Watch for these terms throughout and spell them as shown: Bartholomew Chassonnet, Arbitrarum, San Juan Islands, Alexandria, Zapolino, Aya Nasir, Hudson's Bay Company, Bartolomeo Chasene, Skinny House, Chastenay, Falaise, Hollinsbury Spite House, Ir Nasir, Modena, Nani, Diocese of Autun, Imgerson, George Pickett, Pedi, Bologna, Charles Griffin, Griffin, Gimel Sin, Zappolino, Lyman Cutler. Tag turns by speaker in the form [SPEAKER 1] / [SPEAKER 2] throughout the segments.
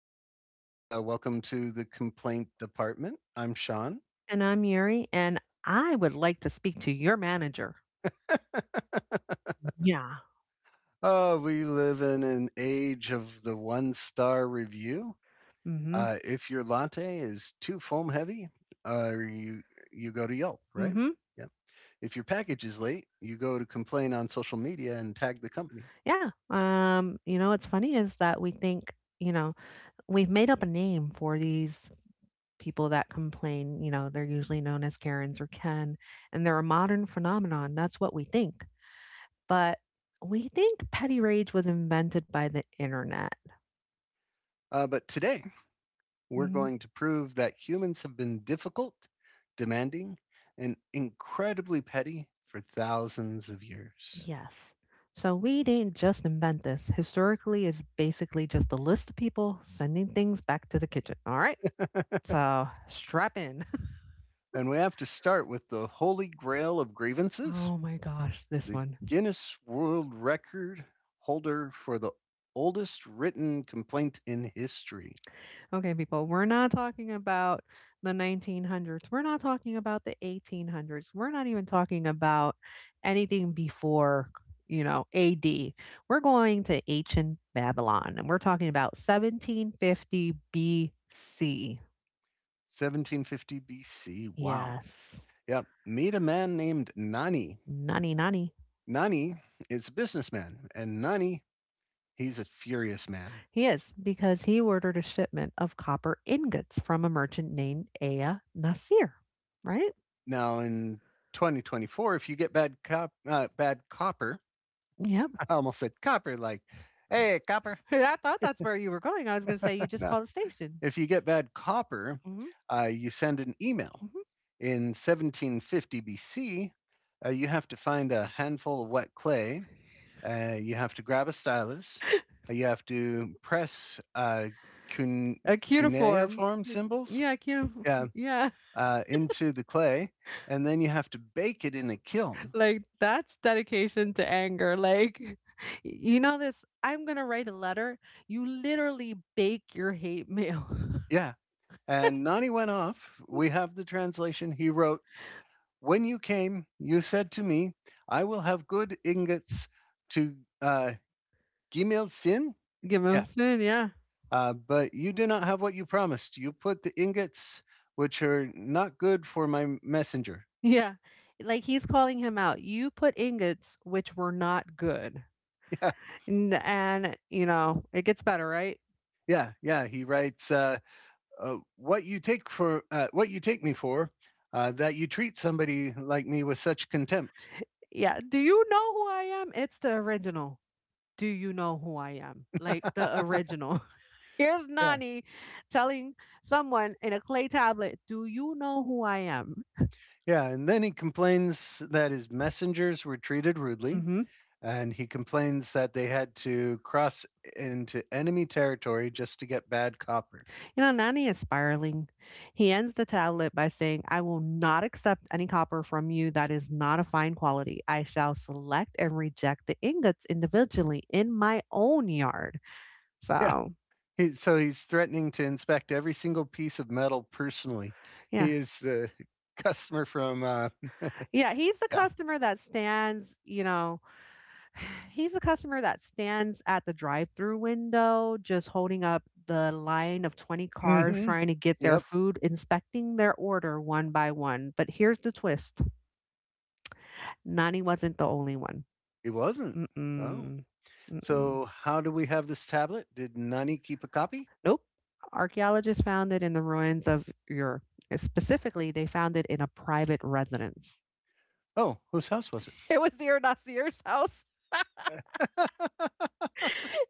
[SPEAKER 1] podcast. Welcome to the complaint department. I'm Sean.
[SPEAKER 2] And I'm Yuri, and I would like to speak to your manager. Yeah.
[SPEAKER 1] We live in an age of the one star review.
[SPEAKER 2] Mhm.
[SPEAKER 1] If your latte is too foam heavy, uh, you you go to Yelp, right?
[SPEAKER 2] Mhm.
[SPEAKER 1] Yeah. If your package is late, you go to complain on social media and tag the company.
[SPEAKER 2] Yeah. What's funny is that we think, you know, we've made up a name for these people that complain. You know, they're usually known as Karens or Ken, and they're a modern phenomenon. That's what we think. But we think petty rage was invented by the internet.
[SPEAKER 1] But today we're going to prove that humans have been difficult, demanding, and incredibly petty for thousands of years.
[SPEAKER 2] Yes. So we didn't just invent this. Historically, it's basically just a list of people sending things back to the kitchen. All right. So strap in.
[SPEAKER 1] And we have to start with the holy grail of grievances,
[SPEAKER 2] Oh my gosh, this
[SPEAKER 1] the
[SPEAKER 2] one.
[SPEAKER 1] Guinness World Record holder for the oldest written complaint in history:
[SPEAKER 2] Okay, people, we're not talking about the 1900s. We're not talking about the 1800s. We're not even talking about anything before, you know, AD. We're going to ancient Babylon and we're talking about 1750 BC.
[SPEAKER 1] 1750 BC. Wow.
[SPEAKER 2] Yes.
[SPEAKER 1] Yep. Meet a man named Nani.
[SPEAKER 2] Nani nani.
[SPEAKER 1] Nani is a businessman, and Nani, he's a furious man.
[SPEAKER 2] He is, because he ordered a shipment of copper ingots from a merchant named Aya Nasir, right?
[SPEAKER 1] Now in 2024, if you get bad copper,
[SPEAKER 2] Yep.
[SPEAKER 1] I almost said copper, like, hey, copper.
[SPEAKER 2] I thought that's where you were going. I was going to say you just
[SPEAKER 1] No,
[SPEAKER 2] called the station.
[SPEAKER 1] if you get bad copper,
[SPEAKER 2] Hmm
[SPEAKER 1] you send an email.
[SPEAKER 2] hmm
[SPEAKER 1] In 1750 BC, you have to find a handful of wet clay. You have to grab a stylus. You have to press cune-
[SPEAKER 2] A cuneiform.
[SPEAKER 1] cuneiform symbols,
[SPEAKER 2] Yeah, cuneiform.
[SPEAKER 1] yeah,
[SPEAKER 2] Yeah.
[SPEAKER 1] into the clay, and then you have to bake it in a kiln.
[SPEAKER 2] Like that's dedication to anger. Like, you know, this, I'm going to write a letter. You literally bake your hate mail.
[SPEAKER 1] Yeah, and Nani went off. We have the translation. He wrote, "When you came, you said to me, I will have good ingots to, uh, Gimel Sin."
[SPEAKER 2] Give him a
[SPEAKER 1] Yeah.
[SPEAKER 2] sin. Yeah.
[SPEAKER 1] "Uh, but you do not have what you promised. You put the ingots, which are not good for my messenger."
[SPEAKER 2] Yeah. Like he's calling him out. You put ingots which were not good.
[SPEAKER 1] Yeah.
[SPEAKER 2] N and, you know, it gets better, right?
[SPEAKER 1] Yeah. He writes, what you take what you take me for, that you treat somebody like me with such contempt.
[SPEAKER 2] Yeah, "Do you know who I am?" It's the original. "Do you know who I am?" Like, the original. Here's
[SPEAKER 1] Yeah.
[SPEAKER 2] Nani telling someone in a clay tablet, "Do you know who I am?"
[SPEAKER 1] Yeah, and then he complains that his messengers were treated rudely,
[SPEAKER 2] Mhm.
[SPEAKER 1] and he complains that they had to cross into enemy territory just to get bad copper.
[SPEAKER 2] You know, Nani is spiraling. He ends the tablet by saying, "I will not accept any copper from you that is not of fine quality. I shall select and reject the ingots individually in my own yard."
[SPEAKER 1] Yeah,
[SPEAKER 2] So,
[SPEAKER 1] so he's threatening to inspect every single piece of metal personally.
[SPEAKER 2] yeah.
[SPEAKER 1] He is the customer from
[SPEAKER 2] Yeah, he's the
[SPEAKER 1] yeah.
[SPEAKER 2] customer that stands, you know, he's the customer that stands at the drive-through window, just holding up the line of 20 cars
[SPEAKER 1] hmm
[SPEAKER 2] trying to get their
[SPEAKER 1] Yep,
[SPEAKER 2] food, inspecting their order one by one. But here's the twist. Nani wasn't the only one.
[SPEAKER 1] he wasn't. Oh,
[SPEAKER 2] Mm-mm. Mm-mm.
[SPEAKER 1] so how do we have this tablet? Did Nani keep a copy?
[SPEAKER 2] Nope. Archaeologists found it in the ruins of Ur. Specifically, they found it in a private residence.
[SPEAKER 1] Oh, whose house was
[SPEAKER 2] It was near Nasir's house.
[SPEAKER 1] it?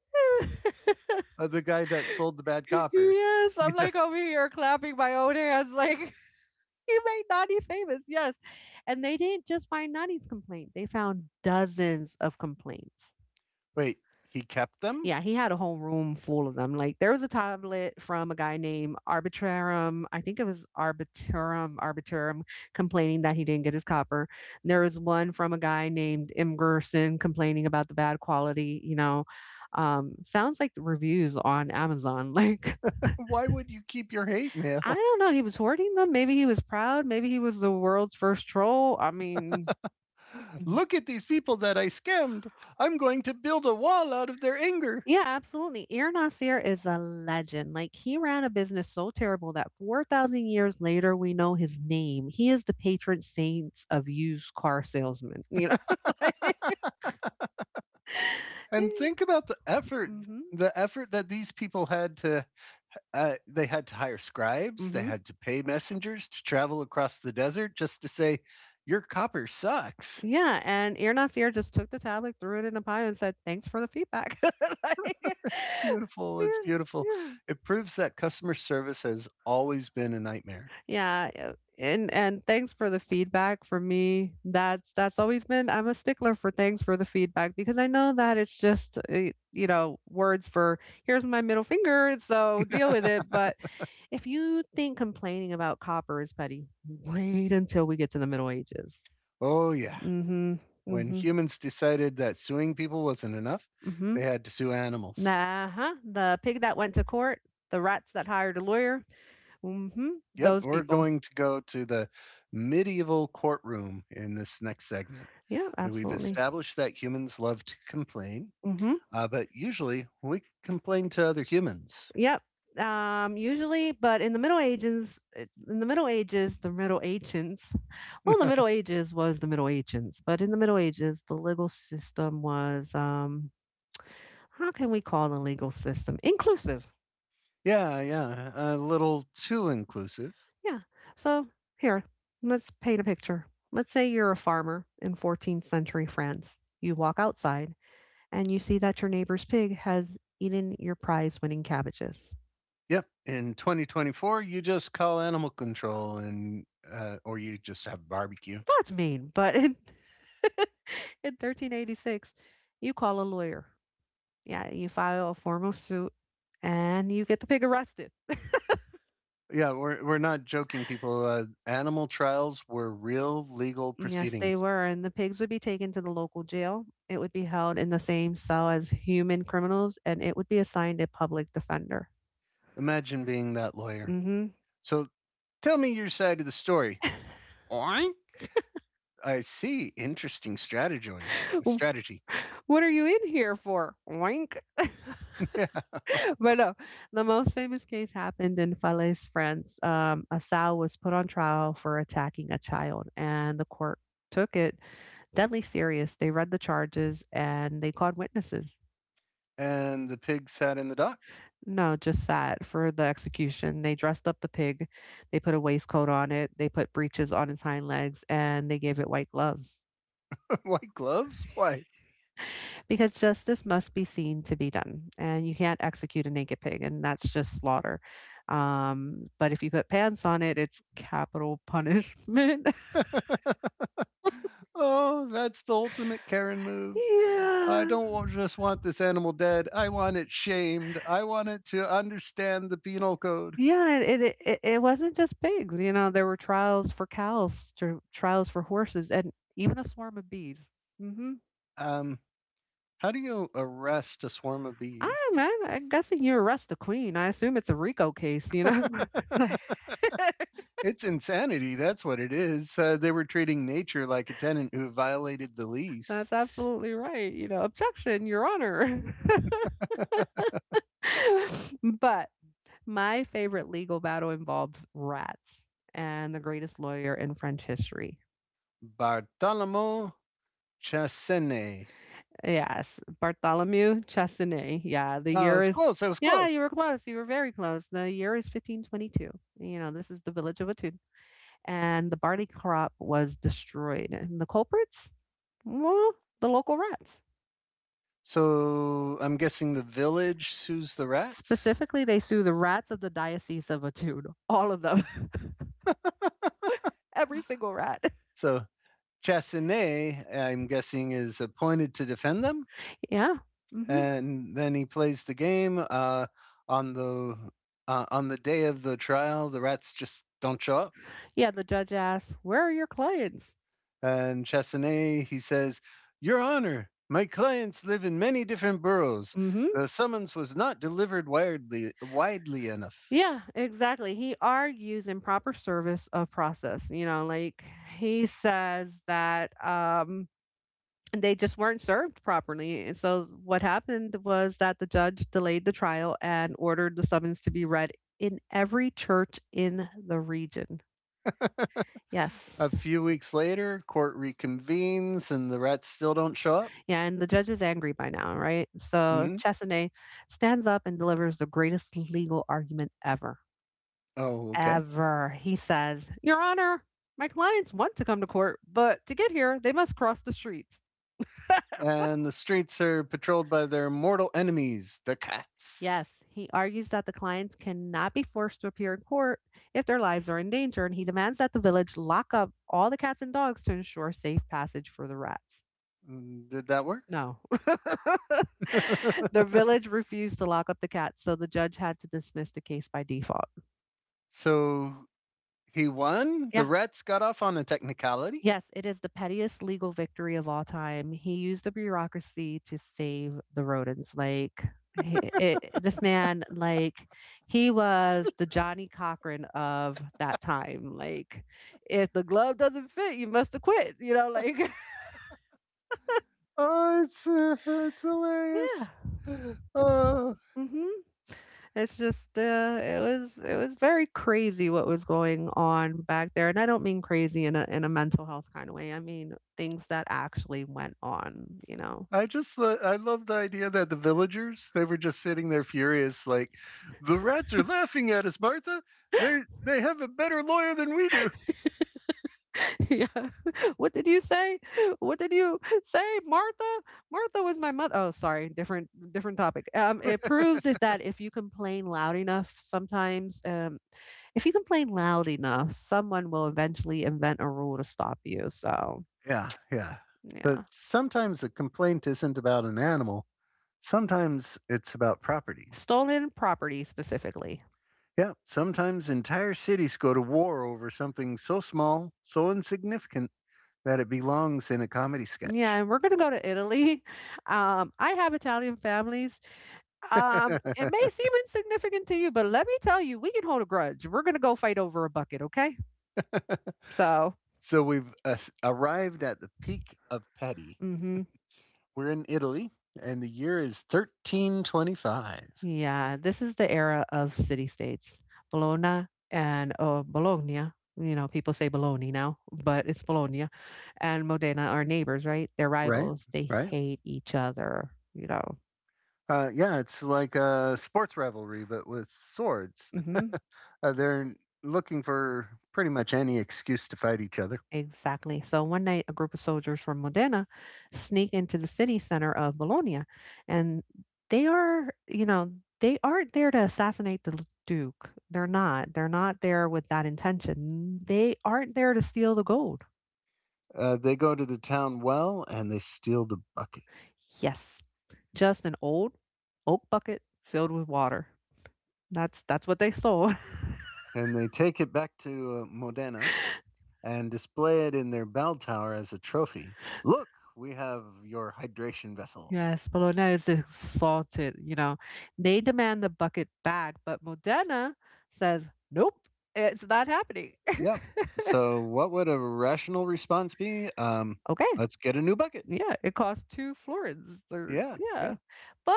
[SPEAKER 1] The guy that sold the bad copper.
[SPEAKER 2] Yes, I'm
[SPEAKER 1] Yeah.
[SPEAKER 2] like over here clapping my own hands, like he made Nani famous. Yes, and they didn't just find Nani's complaint; they found dozens of complaints.
[SPEAKER 1] Wait, he kept them?
[SPEAKER 2] Yeah, he had a whole room full of them. Like there was a tablet from a guy named Arbitrarum. I think it was Arbitrum, complaining that he didn't get his copper. There was one from a guy named Imgerson complaining about the bad quality. You know, sounds like the reviews on Amazon. Like
[SPEAKER 1] Why would you keep your hate
[SPEAKER 2] I
[SPEAKER 1] mail?
[SPEAKER 2] don't know, he was hoarding them, maybe he was proud, maybe he was the world's first troll, I mean Mhm.
[SPEAKER 1] Look at these people that I scammed. I'm going to build a wall out of their anger.
[SPEAKER 2] Yeah, absolutely, Ir Nasir is a legend, like, he ran a business so terrible that 4,000 years later, we know his name, he is the patron saints of used car salesmen, you know, like Yeah.
[SPEAKER 1] And think about the effort
[SPEAKER 2] Mhm,
[SPEAKER 1] the effort that these people had to, they had to hire scribes, they
[SPEAKER 2] mhm.
[SPEAKER 1] had to pay messengers to travel across the desert just to say your copper sucks.
[SPEAKER 2] Yeah, and Ir Nasir just took the tablet, threw it in a pile, and said, "Thanks for the feedback." Like
[SPEAKER 1] It's beautiful. It's
[SPEAKER 2] Yeah,
[SPEAKER 1] beautiful.
[SPEAKER 2] yeah.
[SPEAKER 1] It proves that customer service has always been a nightmare.
[SPEAKER 2] Yeah, and thanks for the feedback for me. That's always been, I'm a stickler for thanks for the feedback because I know that it's just you know, words for here's my middle finger, so deal with it. But if you think complaining about copper is petty, wait until we get to the Middle Ages.
[SPEAKER 1] Oh, yeah.
[SPEAKER 2] Mm-hmm.
[SPEAKER 1] When
[SPEAKER 2] Mm-hmm.
[SPEAKER 1] humans decided that suing people wasn't enough, they
[SPEAKER 2] Mm-hmm.
[SPEAKER 1] had to sue animals.
[SPEAKER 2] Nah, the pig that went to court, the rats that hired a lawyer. Mm-hmm.
[SPEAKER 1] Yep,
[SPEAKER 2] Those
[SPEAKER 1] we're
[SPEAKER 2] people.
[SPEAKER 1] going to go to the medieval courtroom in this next segment.
[SPEAKER 2] Yeah,
[SPEAKER 1] And we've
[SPEAKER 2] absolutely.
[SPEAKER 1] established that humans love to complain,
[SPEAKER 2] Mm-hmm.
[SPEAKER 1] but usually we complain to other humans.
[SPEAKER 2] Yep. Usually, but in the Middle Ages, the Middle Ancients, well, the Middle Ages was the Middle Ancients, but in the Middle Ages, the legal system was, how can we call the legal system inclusive?
[SPEAKER 1] Yeah, yeah, a little too inclusive.
[SPEAKER 2] Yeah. So here, let's paint a picture. Let's say you're a farmer in 14th century France. You walk outside and you see that your neighbor's pig has eaten your prize winning cabbages.
[SPEAKER 1] Yep. In 2024, you just call animal control and, or you just have barbecue.
[SPEAKER 2] That's mean, but in 1386, you call a lawyer. Yeah, you file a formal suit and you get the pig arrested.
[SPEAKER 1] Yeah, we're not joking, people. Animal trials were real legal
[SPEAKER 2] And yes, they
[SPEAKER 1] proceedings.
[SPEAKER 2] were. And the pigs would be taken to the local jail. It would be held in the same cell as human criminals and it would be assigned a public defender.
[SPEAKER 1] Imagine being that lawyer.
[SPEAKER 2] Mm-hmm.
[SPEAKER 1] So tell me your side of the story. Oink. I see. Interesting strategy. Strategy.
[SPEAKER 2] What are you in here for? Wink.
[SPEAKER 1] Yeah.
[SPEAKER 2] But no, the most famous case happened in Falaise, France. A sow was put on trial for attacking a child, and the court took it deadly serious. They read the charges and they called witnesses.
[SPEAKER 1] And the pig sat in the dock.
[SPEAKER 2] No, just sat for the execution. They dressed up the pig, they put a waistcoat on it, they put breeches on its hind legs, and they gave it white gloves.
[SPEAKER 1] White gloves. Why?
[SPEAKER 2] Because justice must be seen to be done, and you can't execute a naked pig, and that's just slaughter. But if you put pants on it, it's capital punishment.
[SPEAKER 1] Oh, that's the ultimate Karen move. I
[SPEAKER 2] Yeah.
[SPEAKER 1] don't wa- just want this animal dead. I want it shamed. I want it to understand the penal code.
[SPEAKER 2] Yeah, it wasn't just pigs, you know, there were trials for cows, trials for horses, and even a swarm of bees. Mm hmm
[SPEAKER 1] Um, How do you arrest a swarm of
[SPEAKER 2] I
[SPEAKER 1] bees?
[SPEAKER 2] do I'm guessing you arrest the queen. I assume it's a RICO case, you know? Like,
[SPEAKER 1] It's insanity. That's what it is. They were treating nature like a tenant who violated the lease.
[SPEAKER 2] that's absolutely right. You know, objection, Your Honor. But my favorite legal battle involves rats and the greatest lawyer in French history.
[SPEAKER 1] Bartolomeo Chasene.
[SPEAKER 2] Yes, Bartholomew Chassonnet. Yeah, the
[SPEAKER 1] Oh, it
[SPEAKER 2] year
[SPEAKER 1] was
[SPEAKER 2] is.
[SPEAKER 1] close. It was
[SPEAKER 2] Yeah, you
[SPEAKER 1] close.
[SPEAKER 2] were close. You were very close. The year is 1522. You know, this is the village of Autun. And the barley crop was destroyed. And the culprits? Well, the local rats.
[SPEAKER 1] So I'm guessing the village sues the rats.
[SPEAKER 2] Specifically, they sue the rats of the Diocese of Autun. All of them. Every single rat.
[SPEAKER 1] So Chasene, I'm guessing, is appointed to defend them.
[SPEAKER 2] Yeah. hmm
[SPEAKER 1] And then he plays the game. On the on the day of the trial, the rats just don't show up.
[SPEAKER 2] Yeah, the judge asks, "Where are your clients?"
[SPEAKER 1] And Chastenay, he says, "Your Honor, my clients live in many different boroughs.
[SPEAKER 2] hmm
[SPEAKER 1] The summons was not delivered widely enough."
[SPEAKER 2] Yeah, exactly. He argues improper service of process. You know, like he says that they just weren't served properly. And so what happened was that the judge delayed the trial and ordered the summons to be read in every church in the region.
[SPEAKER 1] A
[SPEAKER 2] Yes.
[SPEAKER 1] few weeks later, court reconvenes and the rats still don't show up.
[SPEAKER 2] Yeah. And the judge is angry by now, right? So
[SPEAKER 1] Hmm
[SPEAKER 2] Chesney stands up and delivers the greatest legal argument ever.
[SPEAKER 1] Oh, okay.
[SPEAKER 2] ever. He says, "Your Honor, my clients want to come to court, but to get here, they must cross the streets."
[SPEAKER 1] And the streets are patrolled by their mortal enemies, the cats.
[SPEAKER 2] Yes, he argues that the clients cannot be forced to appear in court if their lives are in danger, and he demands that the village lock up all the cats and dogs to ensure safe passage for the rats.
[SPEAKER 1] Mm, did that work?
[SPEAKER 2] No. The village refused to lock up the cats, so the judge had to dismiss the case by default.
[SPEAKER 1] So he won. The
[SPEAKER 2] Yeah.
[SPEAKER 1] rats got off on a technicality.
[SPEAKER 2] Yes, it is the pettiest legal victory of all time. He used the bureaucracy to save the rodents. Like, this man, like, he was the Johnny Cochran of that time. Like, if the glove doesn't fit, you must have quit. You know, like,
[SPEAKER 1] Oh, it's
[SPEAKER 2] yeah.
[SPEAKER 1] hilarious. Oh,
[SPEAKER 2] hmm It's just, it was very crazy what was going on back there, and I don't mean crazy in a mental health kind of way. I mean things that actually went on. You know.
[SPEAKER 1] I love the idea that the villagers, they were just sitting there furious, like, the rats are laughing at us, Martha. They have a better lawyer than we do.
[SPEAKER 2] Yeah. What did you say? What did you say, Martha? Martha was my mother. Oh, sorry, different topic. It proves if you complain loud enough, sometimes if you complain loud enough, someone will eventually invent a rule to stop you. So
[SPEAKER 1] Yeah, yeah. But
[SPEAKER 2] yeah,
[SPEAKER 1] sometimes a complaint isn't about an animal. Sometimes it's about property.
[SPEAKER 2] stolen property specifically.
[SPEAKER 1] Yeah, sometimes entire cities go to war over something so small, so insignificant that it belongs in a comedy
[SPEAKER 2] Yeah,
[SPEAKER 1] sketch.
[SPEAKER 2] and we're gonna go to Italy. I have Italian families. It may seem insignificant to you, but let me tell you, we can hold a grudge. We're gonna go fight over a bucket, okay? So
[SPEAKER 1] So arrived at the peak of Pedi.
[SPEAKER 2] Mhm.
[SPEAKER 1] We're in Italy, and the year is 1325.
[SPEAKER 2] Yeah, this is the era of city states. Bologna and oh, Bologna. You know, people say Bologna now, but it's Bologna and Modena are neighbors, right? They're
[SPEAKER 1] Right,
[SPEAKER 2] rivals. They
[SPEAKER 1] right.
[SPEAKER 2] hate each other, you know.
[SPEAKER 1] Yeah, it's like a sports rivalry, but with swords.
[SPEAKER 2] Hmm
[SPEAKER 1] They're looking for pretty much any excuse to fight each other.
[SPEAKER 2] Exactly. So one night, a group of soldiers from Modena sneak into the city center of Bologna, and they are, you know, they aren't there to assassinate the Duke. They're not. They're not there with that intention. They aren't there to steal the gold.
[SPEAKER 1] They go to the town well and they steal the bucket.
[SPEAKER 2] Yes, just an old oak bucket filled with water. That's what they sold.
[SPEAKER 1] And they take it back to, Modena, and display it in their bell tower as a trophy. Look, we have your hydration vessel.
[SPEAKER 2] Yes, Bologna is exalted, you know. They demand the bucket back, but Modena says, "Nope, it's not happening."
[SPEAKER 1] Yep. So what would a rational response be?
[SPEAKER 2] Okay.
[SPEAKER 1] Let's get a new bucket.
[SPEAKER 2] Yeah, it costs 2 florins or
[SPEAKER 1] Yeah,
[SPEAKER 2] yeah.
[SPEAKER 1] yeah.
[SPEAKER 2] But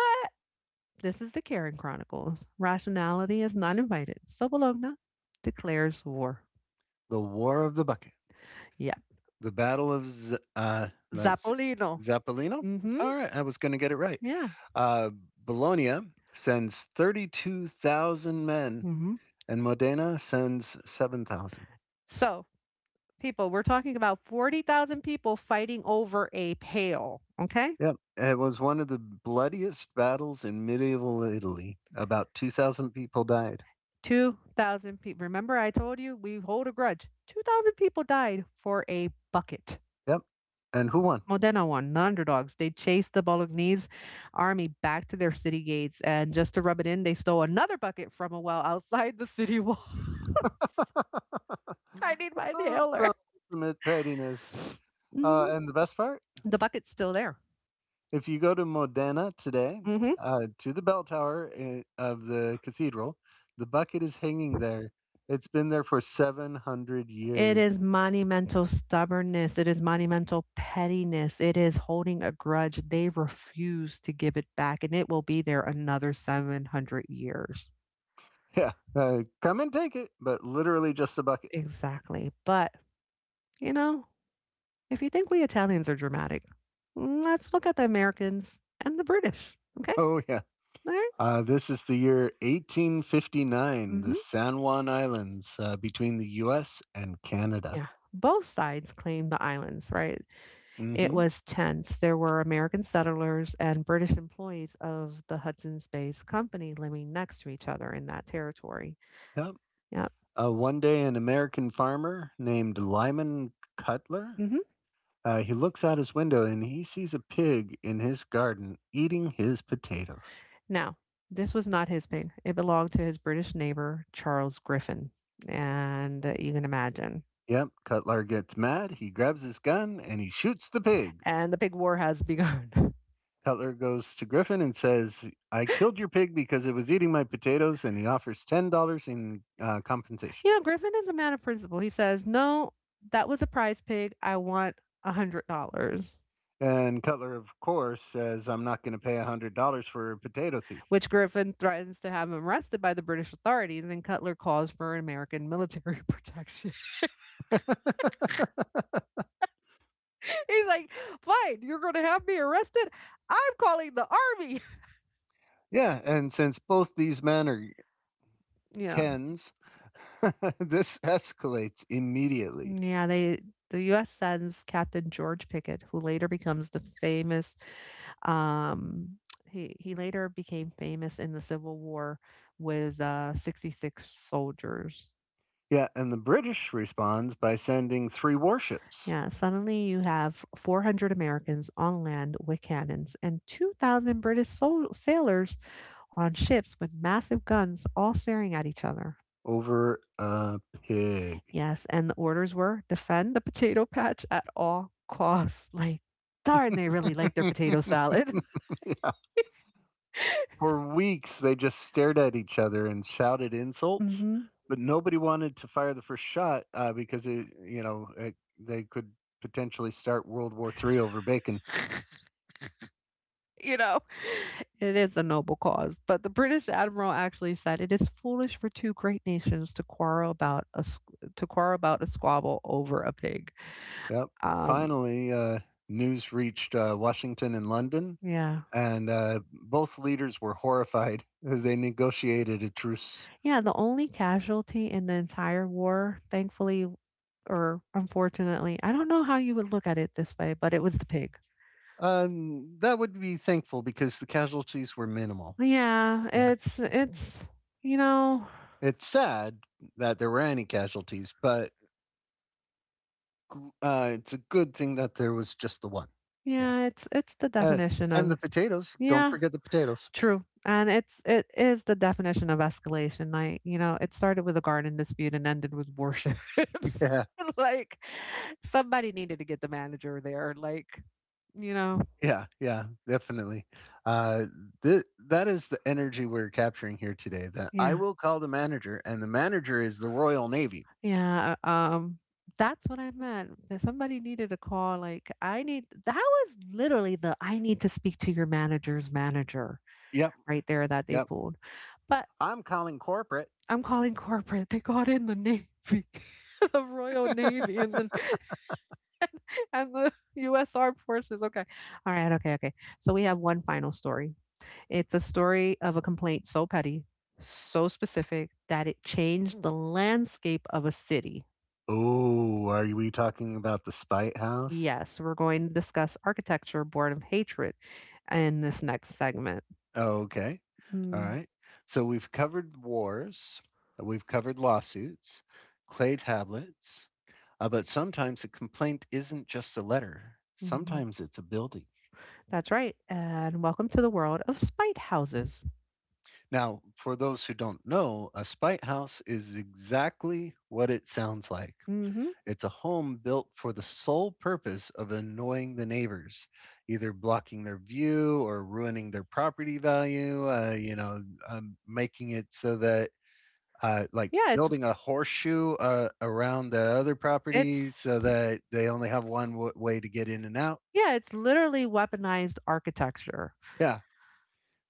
[SPEAKER 2] this is the Karen Chronicles. Rationality is not invited. So Bologna declares war.
[SPEAKER 1] The War of the Bucket,
[SPEAKER 2] Yeah.
[SPEAKER 1] the Battle of Z- that's
[SPEAKER 2] Zapolino.
[SPEAKER 1] Zappolino.
[SPEAKER 2] Mhm.
[SPEAKER 1] All right, I was going to get it right.
[SPEAKER 2] Yeah.
[SPEAKER 1] Uh, Bologna sends 32,000 men,
[SPEAKER 2] Mhm.
[SPEAKER 1] and Modena sends 7,000.
[SPEAKER 2] So, people. We're talking about 40,000 people fighting over a pail. Okay.
[SPEAKER 1] Yep, it was one of the bloodiest battles in medieval Italy. About 2,000 people died.
[SPEAKER 2] 2,000 people. Remember, I told you we hold a grudge. 2,000 people died for a bucket.
[SPEAKER 1] Yep, and who won?
[SPEAKER 2] Modena won. The underdogs. They chased the Bolognese army back to their city gates. And just to rub it in, they stole another bucket from a well outside the city wall. I need my
[SPEAKER 1] Oh,
[SPEAKER 2] inhaler.
[SPEAKER 1] the ultimate pettiness.
[SPEAKER 2] Mhm.
[SPEAKER 1] And the best part,
[SPEAKER 2] The bucket's still there.
[SPEAKER 1] if you go to Modena today,
[SPEAKER 2] Hmm.
[SPEAKER 1] to the of the cathedral, the bucket is hanging there. It's been there for 700
[SPEAKER 2] It
[SPEAKER 1] years.
[SPEAKER 2] is monumental stubbornness. It is monumental pettiness. It is holding a grudge. They refuse to give it back, and it will be there another 700 years.
[SPEAKER 1] Yeah, come and take it, but literally just a bucket.
[SPEAKER 2] Exactly. But, you know, if you think we Italians are dramatic, let's look at the Americans and the British. Okay.
[SPEAKER 1] Oh, yeah.
[SPEAKER 2] All right?
[SPEAKER 1] This is the year 1859,
[SPEAKER 2] Mm-hmm.
[SPEAKER 1] the San Juan Islands, between the U.S. and Canada.
[SPEAKER 2] Yeah. Both sides claim the islands, right? It
[SPEAKER 1] Mm-hmm.
[SPEAKER 2] was tense. There were American settlers and British employees of the Hudson's Bay Company living next to each other in that territory.
[SPEAKER 1] Yeah.
[SPEAKER 2] Yep.
[SPEAKER 1] One day, an American farmer named Lyman Cutler,
[SPEAKER 2] Hmm.
[SPEAKER 1] he looks out his window and he sees a pig in his garden eating his potatoes.
[SPEAKER 2] Now, this was not his pig. It belonged to his British neighbor, Charles Griffin. And you can imagine.
[SPEAKER 1] Yep, Cutler gets mad. He grabs his gun and he shoots the pig.
[SPEAKER 2] And the pig war has begun.
[SPEAKER 1] Cutler goes to Griffin and says, "I killed your pig because it was eating my potatoes," and he offers $10 in, compensation.
[SPEAKER 2] Griffin is a man of principle. He says, No, that was a prize pig. I want $100.
[SPEAKER 1] And Cutler, of course, says, "I'm not going to pay $100 for a potato thief."
[SPEAKER 2] Which Griffin threatens to have him arrested by the British authorities, and Cutler calls for American military protection. He's like, fine, you're going to have me arrested. I'm calling the army.
[SPEAKER 1] Yeah, and since both these men are
[SPEAKER 2] Yeah.
[SPEAKER 1] Kens, this escalates immediately.
[SPEAKER 2] Yeah. The U.S. sends Captain George Pickett, who later becomes the famous, um, he later became famous in the Civil War with 66 soldiers.
[SPEAKER 1] Yeah, and the British responds by sending three warships
[SPEAKER 2] Yeah, suddenly you have 400 Americans on land with cannons and 2,000 British sailors on ships with massive guns all staring at each other.
[SPEAKER 1] over a pig.
[SPEAKER 2] Yes, and the orders were defend the potato patch at all costs, like, darn, they really like their potato salad.
[SPEAKER 1] Yeah. For weeks, they just stared at each other and shouted insults,
[SPEAKER 2] Mhm.
[SPEAKER 1] but nobody wanted to fire the first shot, because it, you know, it, they could potentially start World War III over bacon.
[SPEAKER 2] You know, it is a noble cause, but the British admiral actually said it is foolish for two great nations to quarrel about a squabble over a pig.
[SPEAKER 1] Yep.
[SPEAKER 2] Um,
[SPEAKER 1] Finally, news reached, Washington and London,
[SPEAKER 2] yeah.
[SPEAKER 1] and both leaders were horrified. They negotiated a truce.
[SPEAKER 2] Yeah, the only casualty in the entire war, thankfully or unfortunately, I don't know how you would look at it this way, but it was the pig.
[SPEAKER 1] That would be thankful because the casualties were minimal.
[SPEAKER 2] Yeah,
[SPEAKER 1] Yeah,
[SPEAKER 2] it's you know,
[SPEAKER 1] it's sad that there were any casualties, but it's a good thing that there was just the one. Yeah,
[SPEAKER 2] yeah, it's the
[SPEAKER 1] uh,
[SPEAKER 2] definition
[SPEAKER 1] and
[SPEAKER 2] of
[SPEAKER 1] the potatoes. Don't
[SPEAKER 2] yeah,
[SPEAKER 1] forget the potatoes.
[SPEAKER 2] true. And it is the definition of escalation. Like, it started with a garden dispute and ended with worships.
[SPEAKER 1] Yeah,
[SPEAKER 2] like somebody needed to get the manager there. Like, you know,
[SPEAKER 1] yeah, yeah, definitely. Uh, that is the energy we're capturing here today. That I
[SPEAKER 2] yeah.
[SPEAKER 1] will call the manager, and the manager is the Royal Navy.
[SPEAKER 2] Yeah. That's what I meant. That somebody needed a call. Like, I need that was literally the I need to speak to your manager's manager
[SPEAKER 1] Yep,
[SPEAKER 2] right there that they
[SPEAKER 1] yep.
[SPEAKER 2] pulled. But
[SPEAKER 1] I'm calling corporate.
[SPEAKER 2] I'm calling corporate. They got in the Navy, the Royal Navy, and the and and the U.S. Armed Forces. Okay, all right, okay, okay. So we have one final story. It's a story of a complaint so petty, so specific that it changed the landscape of a city.
[SPEAKER 1] Oh, are we talking about the Spite House?
[SPEAKER 2] Yes, we're going to discuss architecture born of hatred in this next segment.
[SPEAKER 1] Oh, okay. All
[SPEAKER 2] Mm,
[SPEAKER 1] right. So we've covered wars, we've covered lawsuits, clay tablets, but sometimes a complaint isn't just a letter.
[SPEAKER 2] mhm.
[SPEAKER 1] Sometimes it's a building.
[SPEAKER 2] That's right, and welcome to the world of spite houses.
[SPEAKER 1] Now, for those who don't know, a spite house is exactly what it sounds like.
[SPEAKER 2] Hmm.
[SPEAKER 1] It's a home built for the sole purpose of annoying the neighbors, either blocking their view or ruining their property value. Making it so that, like
[SPEAKER 2] Yeah, it's
[SPEAKER 1] building a horseshoe, around the other property so
[SPEAKER 2] it's
[SPEAKER 1] that they only have way to get in and out.
[SPEAKER 2] Yeah, it's literally weaponized architecture.
[SPEAKER 1] Yeah.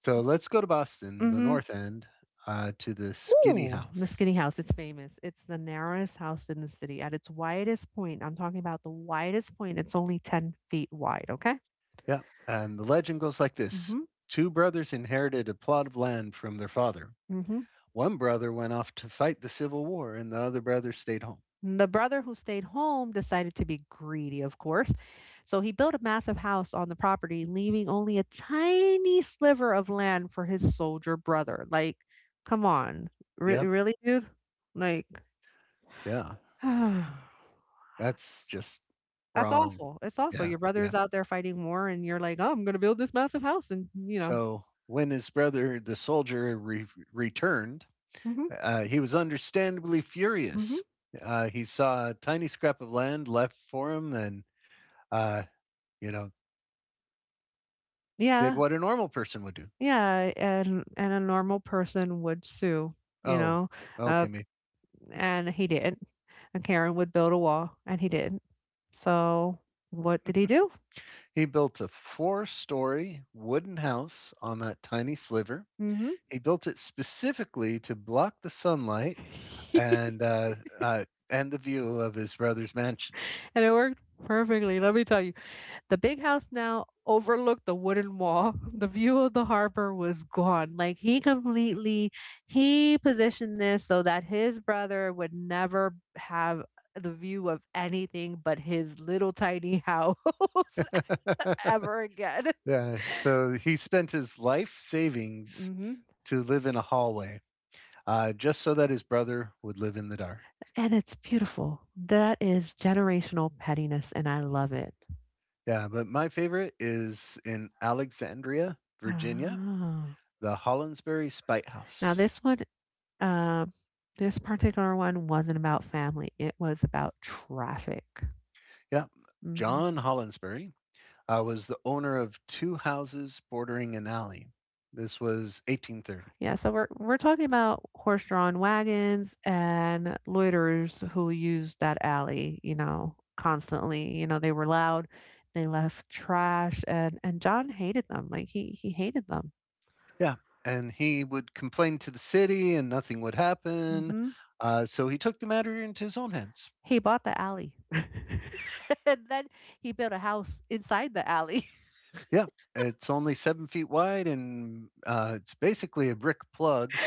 [SPEAKER 1] So let's go to Boston, the
[SPEAKER 2] Mhm.
[SPEAKER 1] North End, to the Skinny
[SPEAKER 2] Ooh, the
[SPEAKER 1] House.
[SPEAKER 2] skinny house, it's famous. It's the narrowest house in the city. At its widest point, I'm talking about the widest point, it's only 10 feet wide, okay?
[SPEAKER 1] Yeah. And the legend goes like this.
[SPEAKER 2] Mhm.
[SPEAKER 1] Two brothers inherited a plot of land from their father.
[SPEAKER 2] Mhm.
[SPEAKER 1] One brother went off to fight the Civil War, and the other brother stayed home.
[SPEAKER 2] The brother who stayed home decided to be greedy, of course. So he built a massive house on the property, leaving only a tiny sliver of land for his soldier brother. Like, come on. Re-
[SPEAKER 1] Yep,
[SPEAKER 2] really, dude? Like
[SPEAKER 1] yeah, that's just
[SPEAKER 2] that's
[SPEAKER 1] wrong.
[SPEAKER 2] awful, it's awful,
[SPEAKER 1] Yeah,
[SPEAKER 2] your
[SPEAKER 1] yeah.
[SPEAKER 2] brother's out there fighting war and you're like, "Oh, I'm gonna build this massive house," and,
[SPEAKER 1] So when his brother, the soldier, returned,
[SPEAKER 2] mhm,
[SPEAKER 1] he was understandably
[SPEAKER 2] mhm.
[SPEAKER 1] furious. He saw a tiny scrap of land left for him, and, uh, you know, did
[SPEAKER 2] Yeah,
[SPEAKER 1] what a normal person would do.
[SPEAKER 2] yeah, and a normal person would sue, you
[SPEAKER 1] Oh,
[SPEAKER 2] know, uh,
[SPEAKER 1] okay, me.
[SPEAKER 2] and he didn't, and Karen would build a wall, and he didn't. So, what did he do?
[SPEAKER 1] He built a four-story wooden house on that tiny sliver.
[SPEAKER 2] Mhm.
[SPEAKER 1] He built it specifically to block the sunlight and, and the view of his brother's mansion.
[SPEAKER 2] And it worked perfectly, let me tell you. The big house now overlooked the wooden wall. The view of the harbor was gone. Like he positioned this so that his brother would never have the view of anything but his little tiny house ever again.
[SPEAKER 1] Yeah, so he spent his life savings
[SPEAKER 2] Hmm.
[SPEAKER 1] to live in a hallway, just so that his brother would live in the dark.
[SPEAKER 2] And it's beautiful. That is generational pettiness, and I love it.
[SPEAKER 1] Yeah, but my favorite is in Alexandria, Virginia,
[SPEAKER 2] Ah.
[SPEAKER 1] the Hollinsbury Spite
[SPEAKER 2] Now,
[SPEAKER 1] House.
[SPEAKER 2] um, this particular one wasn't about family, it was about traffic.
[SPEAKER 1] Yeah,
[SPEAKER 2] Hmm.
[SPEAKER 1] John Hollinsbury, was the owner of two houses bordering an alley. This was 1830.
[SPEAKER 2] Yeah, so we're talking about horse-drawn wagons and loiterers who used that alley, you know, constantly. You know, they were loud, they left trash, and John hated them. Like he hated them.
[SPEAKER 1] Yeah, and he would complain to the city and nothing would happen.
[SPEAKER 2] Mhm.
[SPEAKER 1] So he took the matter into his own hands.
[SPEAKER 2] He bought the alley. And then he built a house inside the alley.
[SPEAKER 1] Yeah, it's only 7 feet wide and, it's basically a brick plug.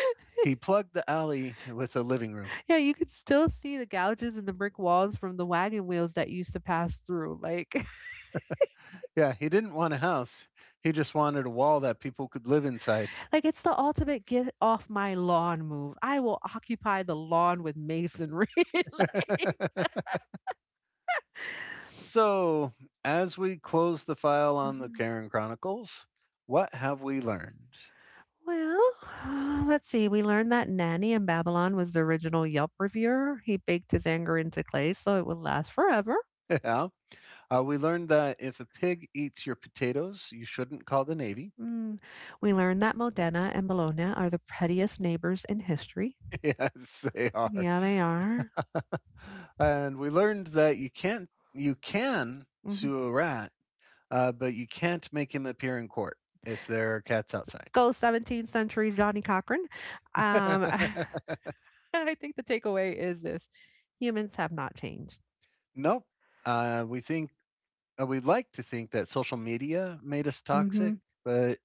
[SPEAKER 1] He plugged the alley with a living room.
[SPEAKER 2] Yeah, you could still see the gouges in the brick walls from the wagon wheels that used to pass through, like.
[SPEAKER 1] Yeah, he didn't want a house. He just wanted a wall that people could live inside.
[SPEAKER 2] Like, it's the ultimate get off my lawn move. I will occupy the lawn with masonry. Like.
[SPEAKER 1] So, as we close the file on the
[SPEAKER 2] Mhm.
[SPEAKER 1] Karen Chronicles, what have we learned?
[SPEAKER 2] Well, let's see. We learned that Nanny in Babylon was the original Yelp reviewer. He baked his anger into clay so it would last forever.
[SPEAKER 1] Yeah. We learned that if a pig eats your potatoes, you shouldn't call the Navy.
[SPEAKER 2] Mm. We learned that Modena and Bologna are the pettiest neighbors in history.
[SPEAKER 1] Yes, they are.
[SPEAKER 2] Yeah, they are.
[SPEAKER 1] And we learned that you can't you can
[SPEAKER 2] Mhm.
[SPEAKER 1] sue a rat, but you can't make him appear in court if there are cats outside.
[SPEAKER 2] Go 17th century Johnny Cochran. Um, I think the takeaway is this: humans have not changed.
[SPEAKER 1] Nope. Uh, we think we like to think that social media made us toxic,
[SPEAKER 2] Mhm.
[SPEAKER 1] but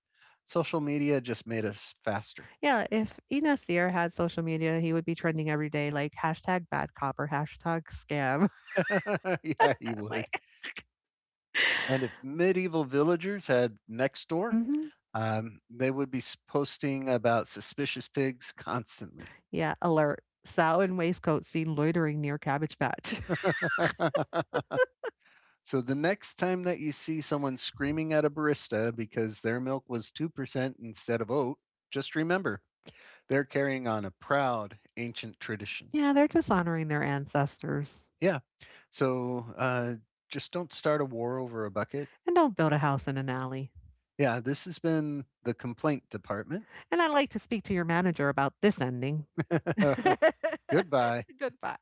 [SPEAKER 1] social media just made us faster.
[SPEAKER 2] Yeah, if Ines Sear had social media, he would be trending every day, like hashtag bad cop or hashtag scam.
[SPEAKER 1] Yeah, you would.
[SPEAKER 2] Like,
[SPEAKER 1] And if medieval villagers had next door,
[SPEAKER 2] hmm
[SPEAKER 1] um, they would be posting about suspicious pigs constantly.
[SPEAKER 2] yeah, alert. Sow in waistcoat seen loitering near Cabbage Patch.
[SPEAKER 1] So the next time that you see someone screaming at a barista because their milk was 2% instead of oat, just remember, they're carrying on a proud ancient tradition.
[SPEAKER 2] Yeah, they're dishonoring their ancestors.
[SPEAKER 1] Yeah. So, just don't start a war over a bucket.
[SPEAKER 2] And don't build a house in an alley.
[SPEAKER 1] Yeah, this has been the complaint department.
[SPEAKER 2] And I'd like to speak to your manager about this ending.
[SPEAKER 1] Goodbye.
[SPEAKER 2] Goodbye.